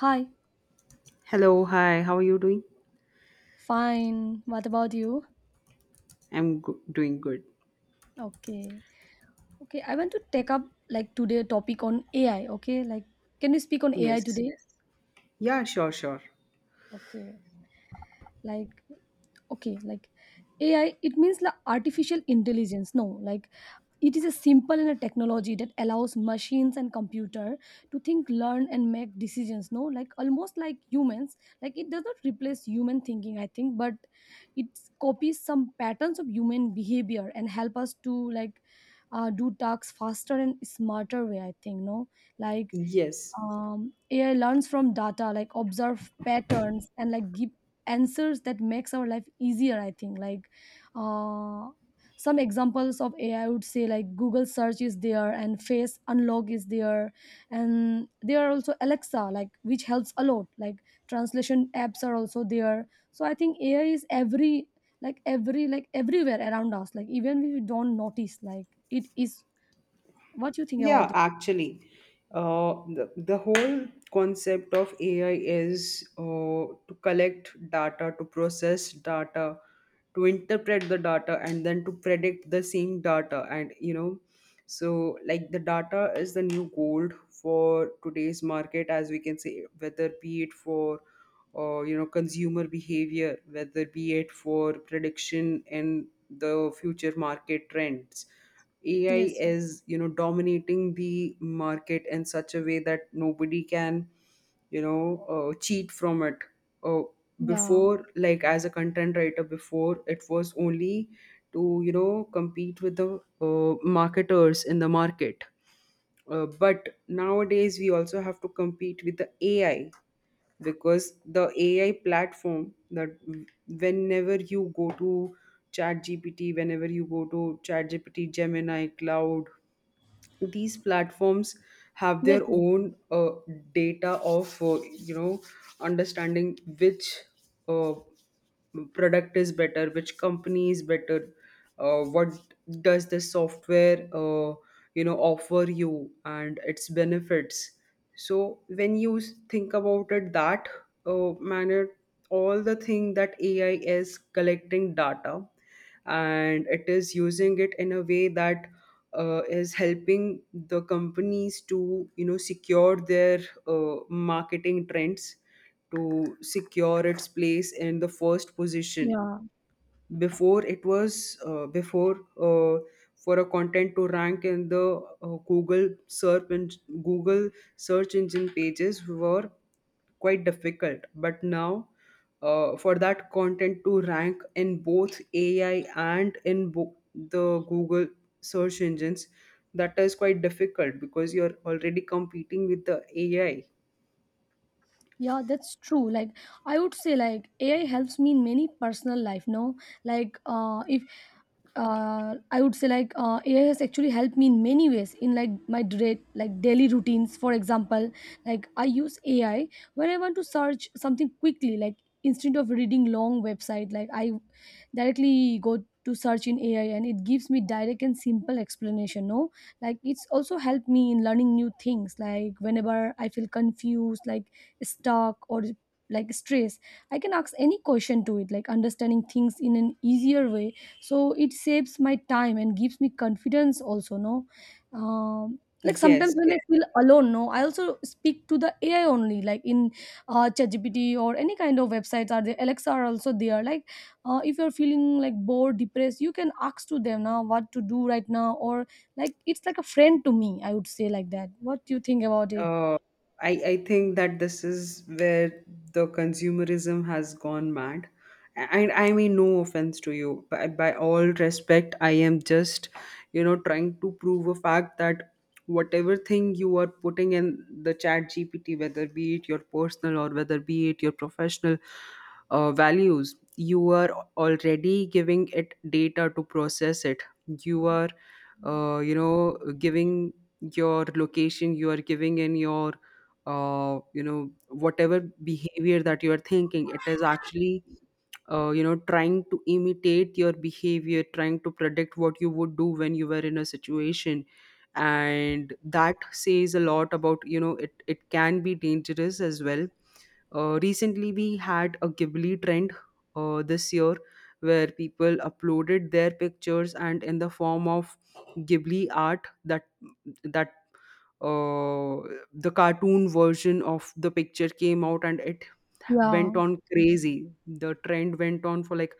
Hi, Hello, hi, how are you doing? fine. What about you? Doing good. Okay. Okay, I want to take up like today topic on AI, okay? Like can we speak on AI Yes. today? Yes. Yeah, sure, sure. Okay. Like okay like AI it means like artificial intelligence, no? Like it is a simple and a technology that allows machines and computer to think, learn and make decisions, no? Like almost like humans. Like it does not replace human thinking, I think, but it copies some patterns of human behavior and help us to like do tasks faster and smarter way, I think, no? Like Yes. AI learns from data, like observe patterns and like give answers that makes our life easier, I think. Like uh, some examples of AI would say like Google search is there and face unlock is there, and there are also Alexa, like, which helps a lot. Like translation apps are also there, so I think AI is every, like, every, like, everywhere around us, like even if we don't notice, like it is. What you think about Yeah, it? actually, the whole concept of AI is to collect data, to process data, to interpret the data, and then to predict the same data. And you know, so like the data is the new gold for today's market, as we can say, whether be it for you know consumer behavior, whether be it for prediction in the future market trends. AI Yes. yes. is, you know, dominating the market in such a way that nobody can, you know, cheat from it. Uh, yeah Before, like as a content writer, before it was only to, you know, compete with the marketers in the market. But nowadays, we also have to compete with the AI because the AI platform that, whenever you go to ChatGPT, whenever you go to ChatGPT, Gemini, Cloud, these platforms have yes, their yes. own data of you know understanding which uh, product is better, which company is better, what does the software you know offer you and its benefits. So when you think about it, that manner, all the thing that AI is collecting data and it is using it in a way that is helping the companies to you know secure their marketing trends, to secure its place in the first position. Yeah. Before it was uh, before uh, for a content to rank in the Google search and Google search engine pages were quite difficult, but now for that content to rank in both AI and in the Google search engines, that is quite difficult because you're already competing with the AI. Yeah, that's true. Like I would say like AI helps me in many personal life, no? Like if I would say like AI has actually helped me in many ways in like my like daily routines. For example, like I use AI when I want to search something quickly, like instead of reading long website, like I directly go to search in AI and it gives me direct and simple explanation. No? Like it's also helped me in learning new things. Like whenever I feel confused, like stuck or like stress, I can ask any question to it, like understanding things in an easier way, so it saves my time and gives me confidence also, no? um, like sometimes Yes, when yes. I feel alone, no, I also speak to the AI only, like in ChatGPT or any kind of websites are there, Alexa are also there, like if you're feeling like bored, depressed, you can ask to them now what to do right now, or like it's like a friend to me, I would say like that. What do you think about it? Uh, I think that this is where the consumerism has gone mad. And I mean, no offense to you. By all respect, I am just, you know, trying to prove a fact that whatever thing you are putting in the chat GPT, whether be it your personal or whether be it your professional values, you are already giving it data to process it. You are, you know, giving your location, you are giving in your you know whatever behavior that you are thinking. It is actually you know trying to imitate your behavior, trying to predict what you would do when you were in a situation, and that says a lot about you know it can be dangerous as well. Recently we had a ghibli trend this year, where people uploaded their pictures and in the form of ghibli art, that that uh, the cartoon version of the picture came out and it Yeah, went on crazy. The trend went on for like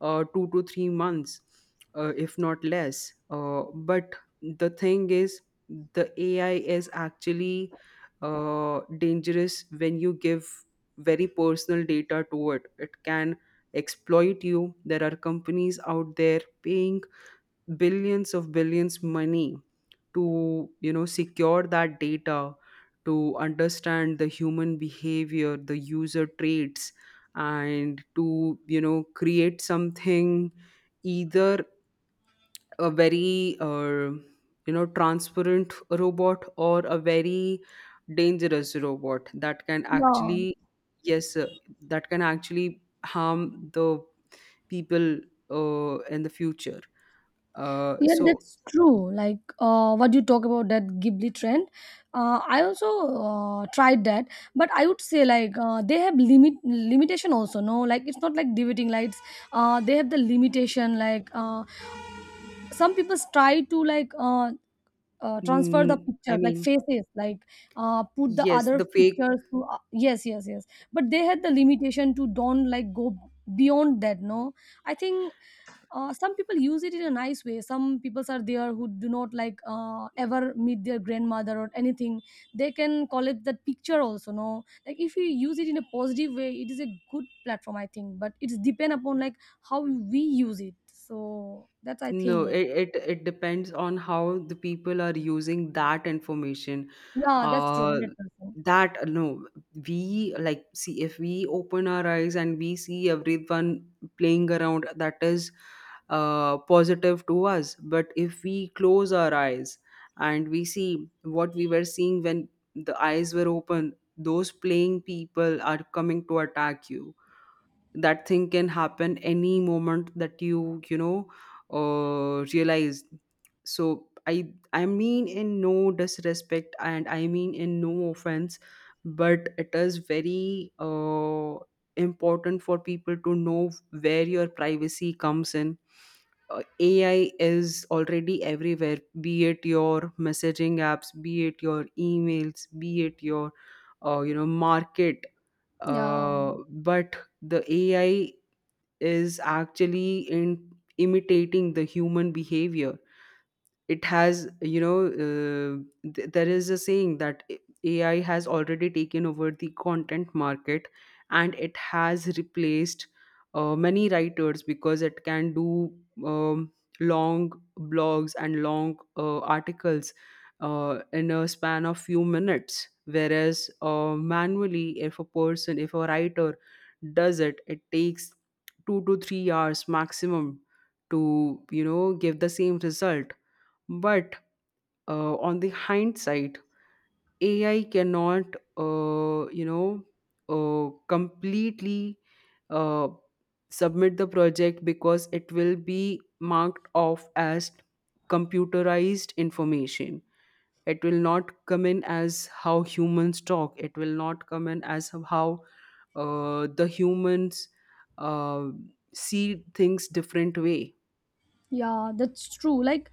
2 to 3 months, if not less. But the thing is, the AI is actually dangerous when you give very personal data to it. It can exploit you. There are companies out there paying billions of billions money to you know secure that data, to understand the human behavior, the user traits, and to you know create something, either a very you know transparent robot or a very dangerous robot that can yeah. actually, yes, that can actually harm the people in the future, Yeah, so that's true. Like what you talk about that Ghibli trend, I also tried that, but I would say like they have limitation also, no? Like it's not like dividing lights. They have the limitation. Like some people try to like transfer the I pictures, like mean, faces, like put the yes, other the fake. pictures to yes, yes, yes. But they had the limitation to don't like go beyond that, no? I think some people use it in a nice way, some people are there who do not like ever meet their grandmother or anything. They can collect that picture also, no? Like if you use it in a positive way it is a good platform, I think, but it's depend upon like how we use it, so that's, I No, think. it depends on how the people are using that information. Yeah, that's true, Uh, 100%. that no, we like see if we open our eyes and we see everyone playing around, that is positive to us. But if we close our eyes and we see what we were seeing when the eyes were open, those playing people are coming to attack you. That thing can happen any moment that you know realize. So I mean in no disrespect and I mean in no offense, but it is very important for people to know where your privacy comes in. AI is already everywhere, be it your messaging apps, be it your emails, be it your you know market, Yeah. But the AI is actually in imitating the human behavior. It has you know there is a saying that AI has already taken over the content market, and it has replaced many writers because it can do um, long blogs and long articles in a span of few minutes, whereas manually if a person, if a writer does it, it takes 2 to 3 hours maximum to you know give the same result. But on the hindsight, AI cannot, you know, completely uh, submit the project because it will be marked off as computerized information. It will not come in as how humans talk. It will not come in as how the humans uh, see things different way. Yeah, that's true. Like,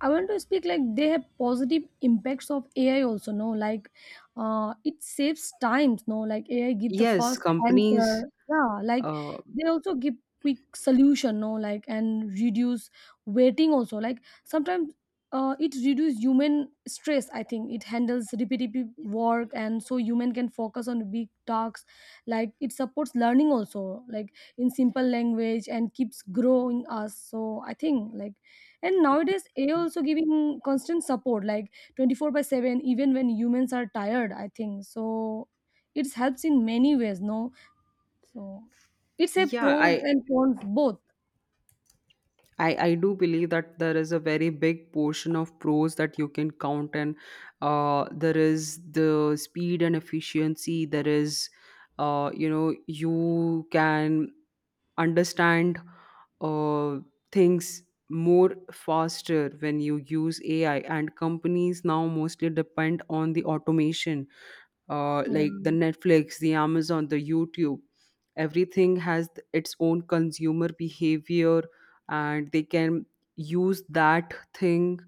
I want to speak like they have positive impacts of AI also, no? Like it saves times, no? Like AI give the Yes, first companies. answer. Yeah, like Uh, they also give quick solution, no? Like and reduce waiting also, like sometimes. It reduce human stress, I think. It handles repetitive work and so human can focus on big tasks, like it supports learning also, like in simple language and keeps growing us, so I think, like, and nowadays AI also giving constant support like 24 by 7 even when humans are tired, I think, so it helps in many ways, no? So it's a yeah, pros I and cons both. I do believe that there is a very big portion of pros that you can count, and there is the speed and efficiency, there is you know you can understand uh, things more faster when you use AI, and companies now mostly depend on the automation, like the Yeah. Netflix, the Amazon, the YouTube. Everything has its own consumer behavior, and they can use that thing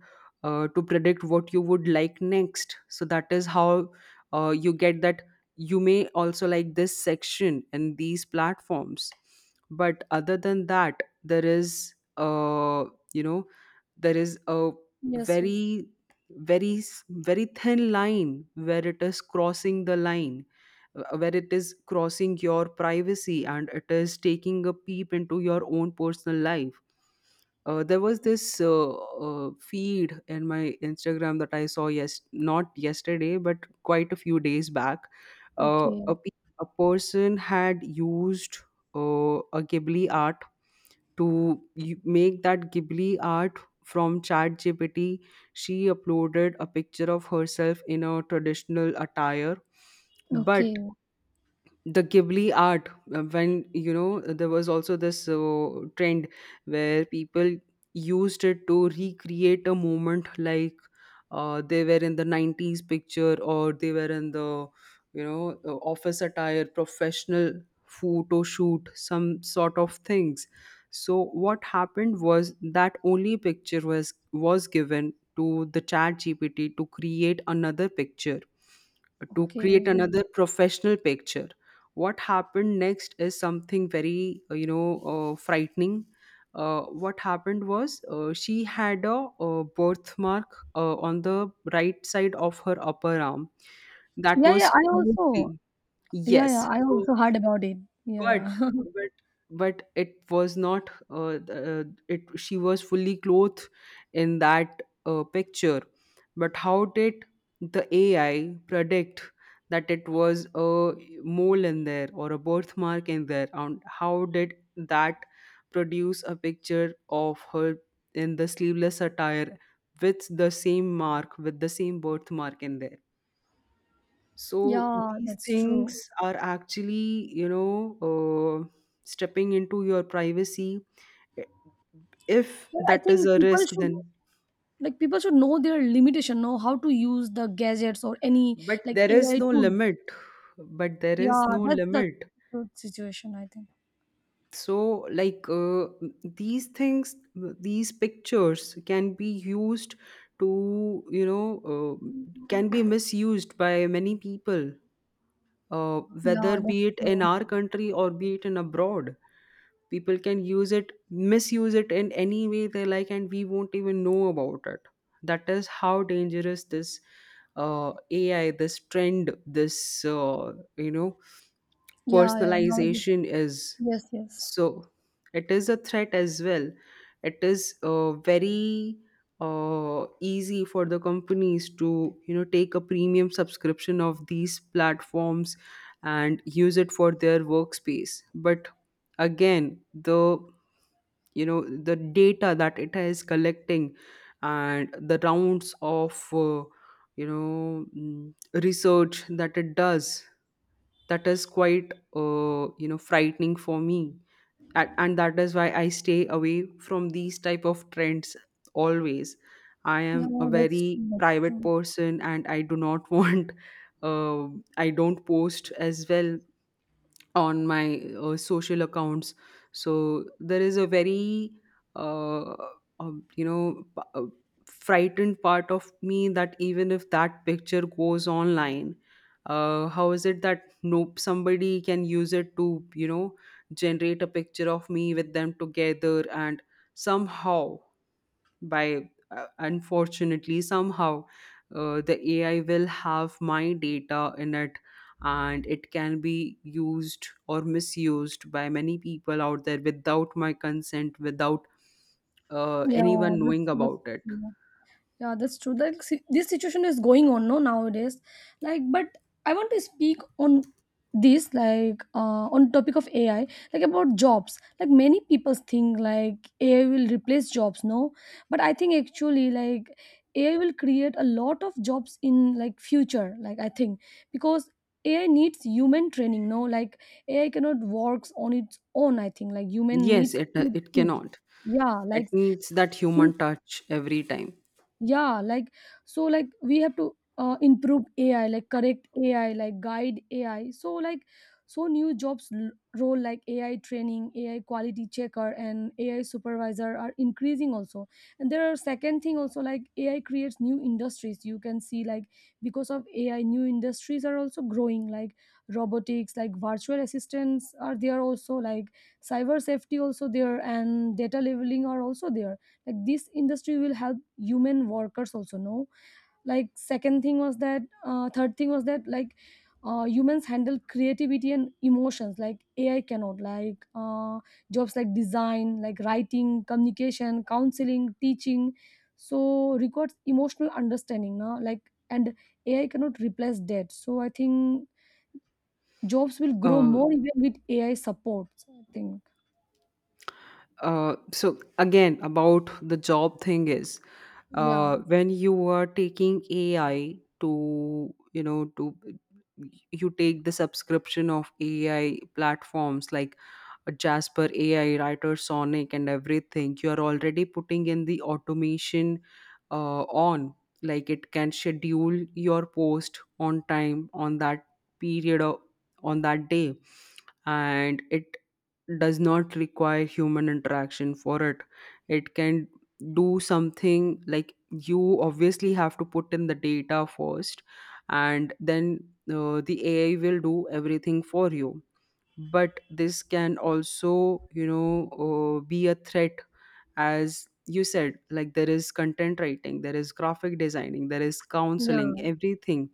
to predict what you would like next. So that is how you get that you may also like this section and these platforms. But other than that, there is, you know, there is a Yes, yes. very very, very thin line where it is crossing the line, where it is crossing your privacy and it is taking a peep into your own personal life. There was this feed in my Instagram that I saw, yes, not yesterday but quite a few days back. Okay. A person had used a ghibli art to make that Ghibli art from ChatGPT. She uploaded a picture of herself in a traditional attire, but Okay. the ghibli art, when you know there was also this trend where people used it to recreate a moment like they were in the 90s picture, or they were in the you know office attire, professional photo shoot, some sort of things. So what happened was that only picture was given to the chat gpt to create another picture, to Okay. create another professional picture. What happened next is something very you know frightening. What happened was, she had a, birthmark on the right side of her upper arm that Yeah, yeah, was I also. closely, Yeah, yeah, yes, I so, also heard about it. Yeah, but yeah. but but it was not it, she was fully clothed in that picture. But how did the AI predict that it was a mole in there or a birthmark in there? And how did that produce a picture of her in the sleeveless attire, with the same mark, with the same birthmark in there? So Yeah, these that's true, things are actually, you know, uh, stepping into your privacy. If but I that is think a people risk, should. then, Like people should know their limitation, know how to use the gadgets or any but like there AI is no tools. limit. But there Yeah, is no that's the limit. good situation, I think. So, like, these things, these pictures can be used to, you know, can be misused by many people, uh, Yeah, whether that's be it in true. our country or be it in abroad. People can use it, misuse it in any way they like, and we won't even know about it. That is how dangerous this AI, this trend, this you know Yeah, yeah. Now, personalization is. yes, yes. So it is a threat as well. It is very easy for the companies to you know take a premium subscription of these platforms and use it for their workspace, but again, the you know the data that it is collecting, and the rounds of you know research that it does, that is quite you know frightening for me, and that is why I stay away from these type of trends always. I Yeah, am a that's very true, that's private true. person and I do not want uh, I don't post as well on my social accounts. So there is a very uh, you know frightened part of me that, even if that picture goes online, how is it that nope somebody can use it to you know generate a picture of me with them together and somehow by unfortunately somehow the AI will have my data in it, and it can be used or misused by many people out there without my consent, without Yeah, anyone knowing that's about it. true. Yeah, that's true. Like this situation is going on, no, nowadays. Like, but I want to speak on this, like, on topic of AI, like about jobs. Like many people think like AI will replace jobs, no, but I think actually like AI will create a lot of jobs in like future. Like I think because AI needs human training, no, like AI cannot works on its own. I think like human Yes, needs it to it teach. cannot, Yeah, it like, needs that human touch every time. yeah, like, so like we have to improve AI, like correct AI, like guide AI, so like, so new jobs, role like AI training, AI quality checker and AI supervisor are increasing also. And there are second thing also, like AI creates new industries, you can see, like because of AI new industries are also growing, like robotics, like virtual assistants are there also, like cyber safety also there, and data labeling are also there. Like this industry will help human workers also, no? Like second thing was that third thing was that like humans handle creativity and emotions like AI cannot. Like jobs like design, like writing, communication, counseling, teaching, so requires emotional understanding, no? Like and AI cannot replace that, so I think jobs will grow uh, more even with AI support, I think. So again, about the job thing is, Yeah, when you are taking AI to you know to, you take the subscription of AI platforms like Jasper AI, Writer Sonic, and everything, you are already putting in the automation on. Like it can schedule your post on time on that period of on that day, and it does not require human interaction for it can do something. Like, you obviously have to put in the data first, and then the AI will do everything for you. But this can also, be a threat, as you said. Like, there is content writing, there is graphic designing, there is counseling, yeah. everything.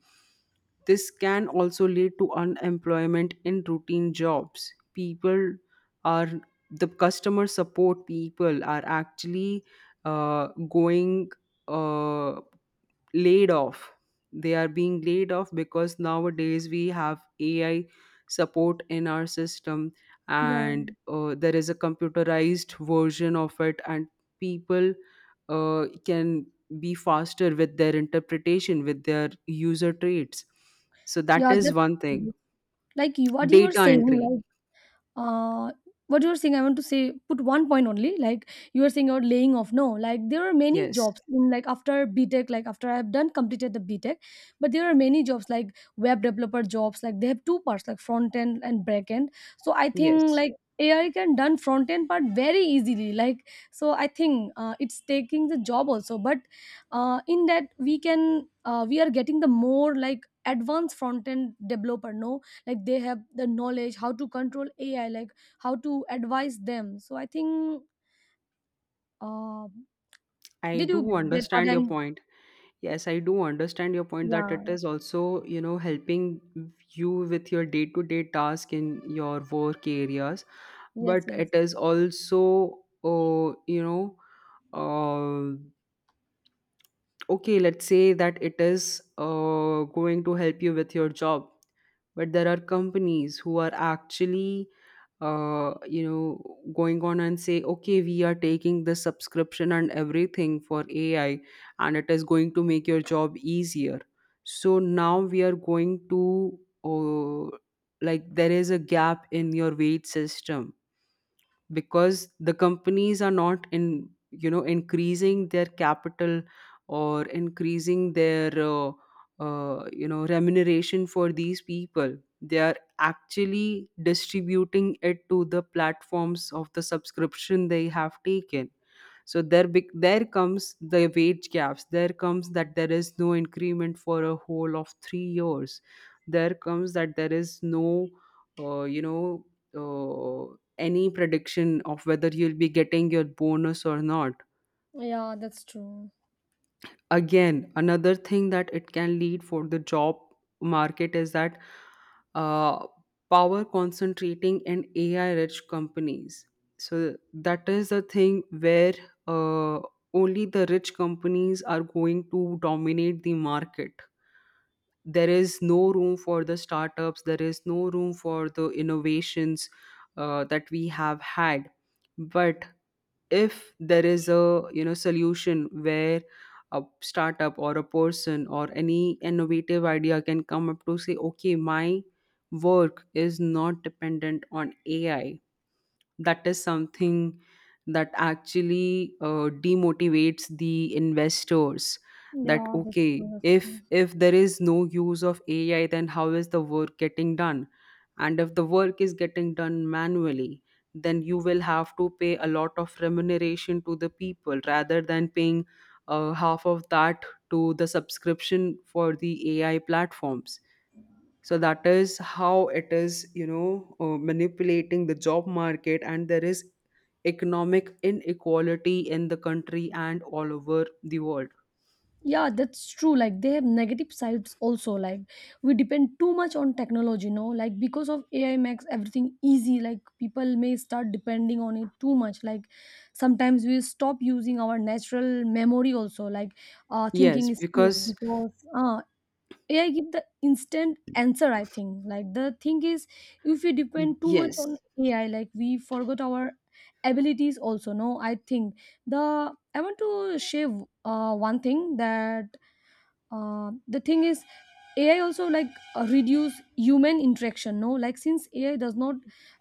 This can also lead to unemployment in routine jobs. People are the customer support people are actually going uh, laid off. They are being laid off because nowadays we have AI support in our system, Yeah, and there is a computerized version of it, and people can be faster with their interpretation, with their user traits. So that yeah, is one that's thing. like what you are Data saying, entry. like uh what you're saying, I want to say, put one point only, like you are saying about laying off, no? Like there are many Yes. jobs in like after B.Tech, like after I've done completed the B.Tech, but there are many jobs like web developer jobs, like they have two parts, like front end and back end, so I think Yes. like AI can done front end part very easily, like, so I think it's taking the job also, but in that we can we are getting the more like advanced front end developer, no? Like they have the knowledge how to control AI, like how to advise them, so I think uh, I did you do get what understand your I'm? point. Yes, I do understand your point that it Yeah. is also, helping you with your day-to-day task in your work areas, Yes, but yes. it is also, uh, okay, let's say that it is going to help you with your job, but there are companies who are actually going on and say, okay, we are taking the subscription and everything for AI, and it is going to make your job easier. So now we are going to, uh, like, there is a gap in your wage system, because the companies are not, in increasing their capital or increasing their remuneration for these people. They are actually distributing it to the platforms of the subscription they have taken. So there comes the wage gaps, there comes that there is no increment for a whole of 3 years, there comes that there is no uh, you know any prediction of whether you'll be getting your bonus or not. Yeah, that's true. Again, another thing that it can lead for the job market is that uh, power concentrating in AI rich companies. So that is the thing where uh, only the rich companies are going to dominate the market. There is no room for the startups, there is no room for the innovations that we have had. But if there is a, solution where a startup or a person or any innovative idea can come up to say, okay, my work is not dependent on AI, that is something that actually demotivates the investors, that Yeah, that's okay, true, that's true. if there is no use of AI, then how is the work getting done? And if the work is getting done manually, then you will have to pay a lot of remuneration to the people rather than paying half of that to the subscription for the AI platforms. So that is how it is, manipulating the job market, and there is economic inequality in the country and all over the world. Yeah, that's true, like they have negative sides also. Like we depend too much on technology, no? Like because of AI makes everything easy, like people may start depending on it too much, like sometimes we stop using our natural memory also, like Yes, thinking skills, because, because AI give the instant answer, I think. Like the thing is, if we depend too much on yes, AI, like we forgot our abilities also, no? I think the I want to share one thing, that the thing is AI also, like reduce human interaction, no? Like since AI does not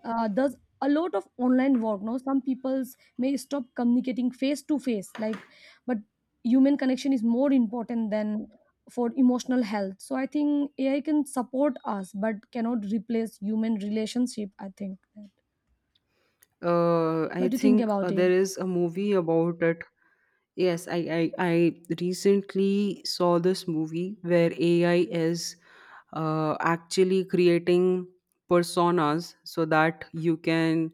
does a lot of online work, no, some peoples may stop communicating face to face, like but human connection is more important than for emotional health, so I think AI can support us but cannot replace human relationship, I think that. What I do you think think about it? there is a movie about it. Yes, I recently saw this movie where AI is actually creating personas so that you can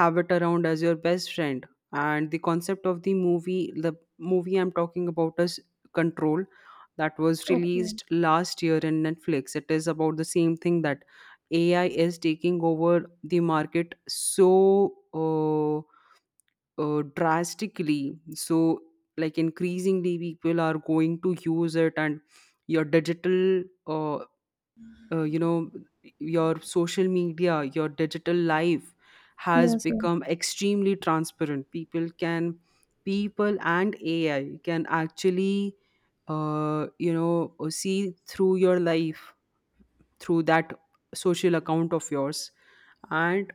have it around as your best friend. And the concept of the movie I'm talking about is Control, that was Okay. released last year in Netflix. It is about the same thing, that AI is taking over the market, so drastically so, like, increasingly people are going to use it. And your digital, uh, you know your social media, your digital life has Yes, yes. become extremely transparent. People and AI can actually, see through your life through that social account of yours. And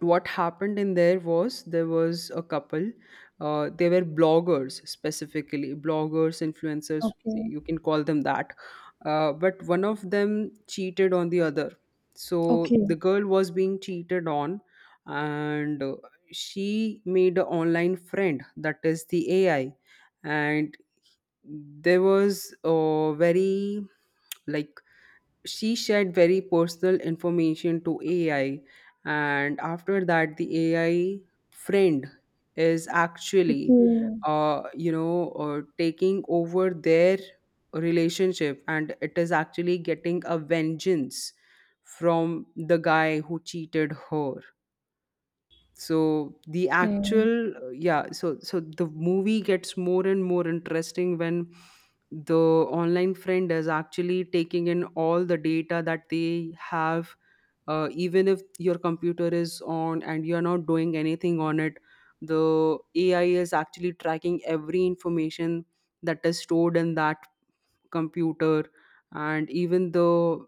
what happened in there was a couple, they were bloggers, specifically bloggers, influencers, Okay. you can call them that. But one of them cheated on the other. So Okay. the girl was being cheated on, and she made an online friend, that is the AI. And there was a very like, she shared very personal information to AI, and after that, the AI friend is actually, Okay. Taking over their relationship, and it is actually getting a vengeance from the guy who cheated her. So the Okay. actual Yeah, so the movie gets more and more interesting when the online friend is actually taking in all the data that they have, even if your computer is on and you're not doing anything on it, the AI is actually tracking every information that is stored in that computer. And even the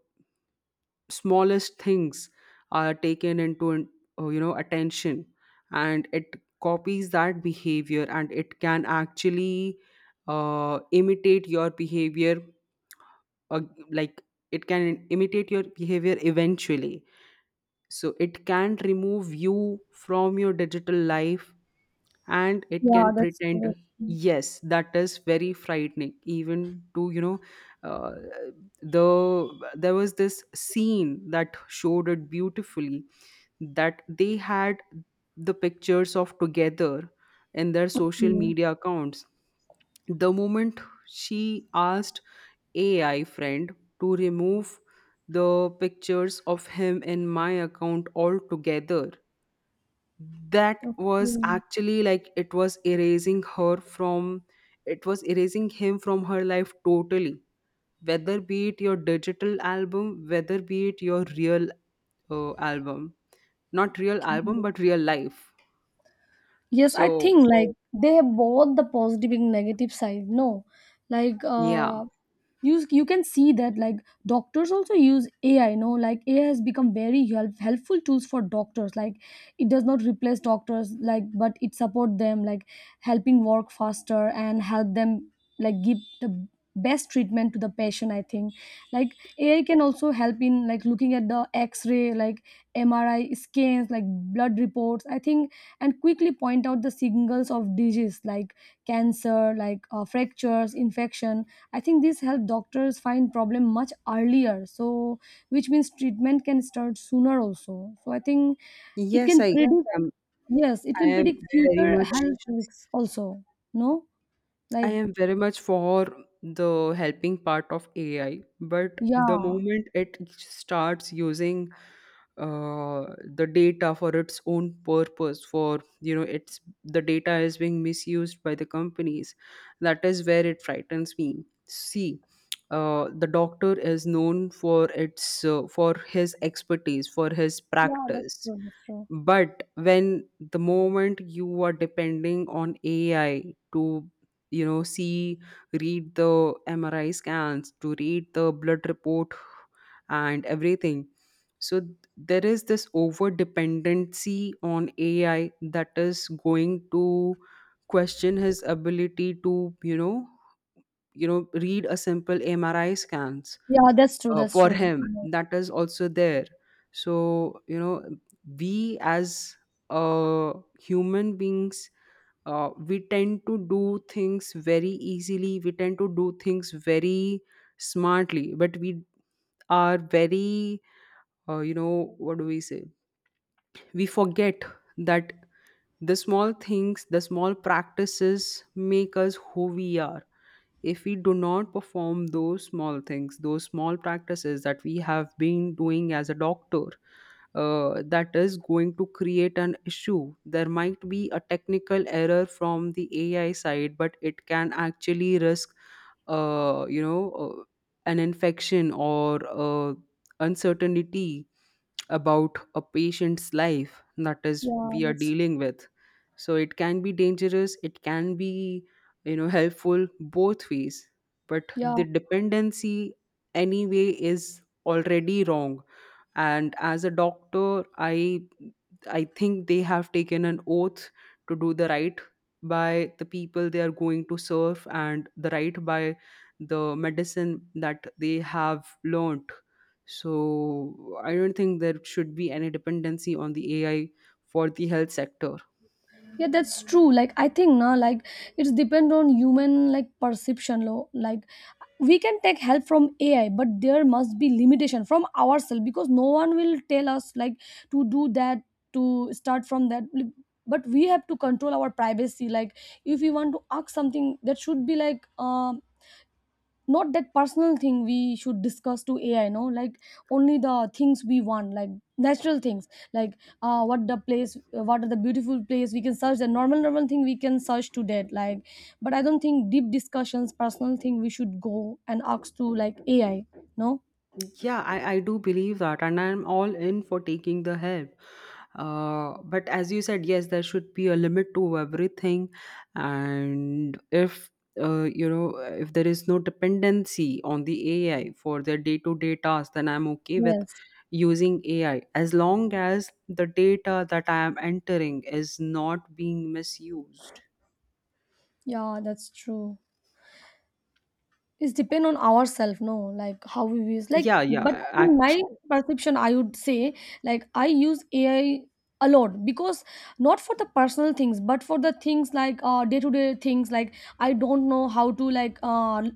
smallest things are taken into attention, and it copies that behavior, and it can actually imitate your behavior, uh, like, it can imitate your behavior eventually. So it can remove you from your digital life, and it Yeah, can that's pretend. correct. Yes, that is very frightening, even to, uh, there was this scene that showed it beautifully, that they had the pictures of together in their social Oke. media accounts. The moment she asked AI friend to remove the pictures of him in my account altogether, that was Oke. actually like, it was erasing her from, it was erasing him from her life totally. Whether be it your digital album, whether be it your real, album, not real Oke. album, but real life. Yes, I So think like they have both the positive and negative side, no? Like yeah, you can see that like doctors also use AI, no? Like AI has become very helpful tools for doctors. Like it does not replace doctors, like but it support them, like helping work faster and help them, like give the best treatment to the patient. I think like AI can also help in like looking at the X-ray, like MRI scans, like blood reports, I think, and quickly point out the signals of disease like cancer, like fractures, infection. I think this help doctors find problem much earlier, so which means treatment can start sooner also, so I think it yes, can predict. am Yes, it i can am predict very future much health risks also, no, I like. am very much for the helping part of AI. But the Yeah, moment it starts using uh, the data for its own purpose, for, you know, it's the data is being misused by the companies. That is where it frightens me. See, the doctor is known for his expertise, for his yeah, that's practice. true, that's true. But when the moment you are depending on AI to, see, read the MRI scans, to read the blood report and everything, so there is this over dependency on AI that is going to question his ability to, read a simple MRI scans, Yeah, that's true, that's for true. him, Yeah, that is also there. So, we as, uh, human beings, we tend to do things very easily, we tend to do things very smartly, but we are very, what do we say, we forget that the small things, the small practices, make us who we are. If we do not perform those small things, those small practices that we have been doing as a doctor, that is going to create an issue. There might be a technical error from the AI side, but it can actually risk, uh, you know, uh, an infection or uncertainty about a patient's life, that is yeah, we are that's. dealing with. So it can be dangerous, it can be, helpful, both ways, but Yeah, the dependency anyway is already wrong. And as a doctor, I think they have taken an oath to do the right by the people they are going to serve and the right by the medicine that they have learned. So I don't think there should be any dependency on the AI for the health sector. yeah, that's true, like I think na, like it's depend on human, like perception, lo, like we can take help from AI but there must be limitation from ourselves, because no one will tell us, like, to do that, to start from that. Like, but we have to control our privacy, like if we want to ask something that should be like not that personal thing we should discuss to AI, no? Like only the things we want, like natural things, like what the place, what are the beautiful place, we can search, the normal normal thing we can search to that, like, but I don't think deep discussions, personal thing, we should go and ask to like AI, no? Yeah, I do believe that, and I'm all in for taking the help. But as you said, yes, there should be a limit to everything, and if you know if there is no dependency on the AI for their day-to-day tasks, then I'm okay with Yes. using AI as long as the data that I am entering is not being misused. Yeah, that's true. It's depend on ourselves, no, like how we use. Like, Yeah, but yeah, in act my perception, I would say like I use AI a lot because not for the personal things, but for the things like day to day things. Like I don't know how to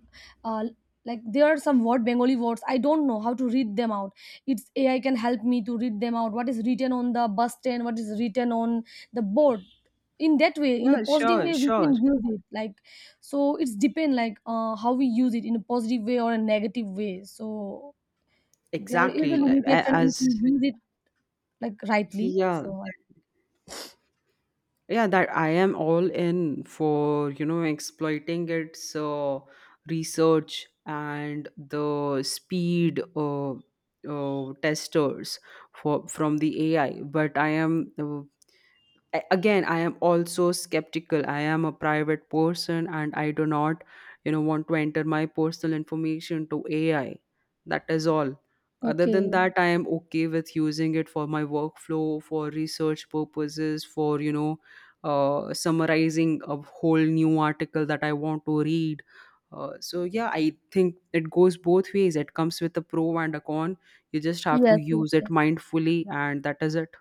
uh like there are some word Bengali words I don't know how to read them out. It's AI can help me to read them out. What is written on the bus stand? What is written on the board? In that way, in a yeah, positive sure, way, we sure. can use it. Like so it's depend like how we use it in a positive way or a negative way, so there is a Exactly. Like, a- limitation if as you use it, like, rightly, yeah, so yeah, that I am all in for, exploiting its research and the speed testers for from the AI. But I am, again, I am also skeptical. I am a private person, and I do not, want to enter my personal information to AI. That is all. Other than okay. that, I am okay with using it for my workflow, for research purposes, for, summarizing a whole new article that I want to read. So yeah, I think it goes both ways, it comes with a pro and a con. You just have to Yes, yes, use it yes. mindfully, and that is it.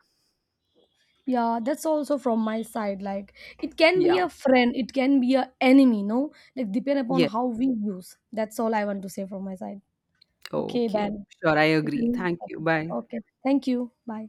Yeah, that's also from my side. Like it can be Yeah. a friend, it can be a enemy, no? Like depend upon Yes. how we use, that's all I want to say from my side. Okay Okay. then. Sure, I You agree. can. Thank you. Bye. Okay, thank you, bye.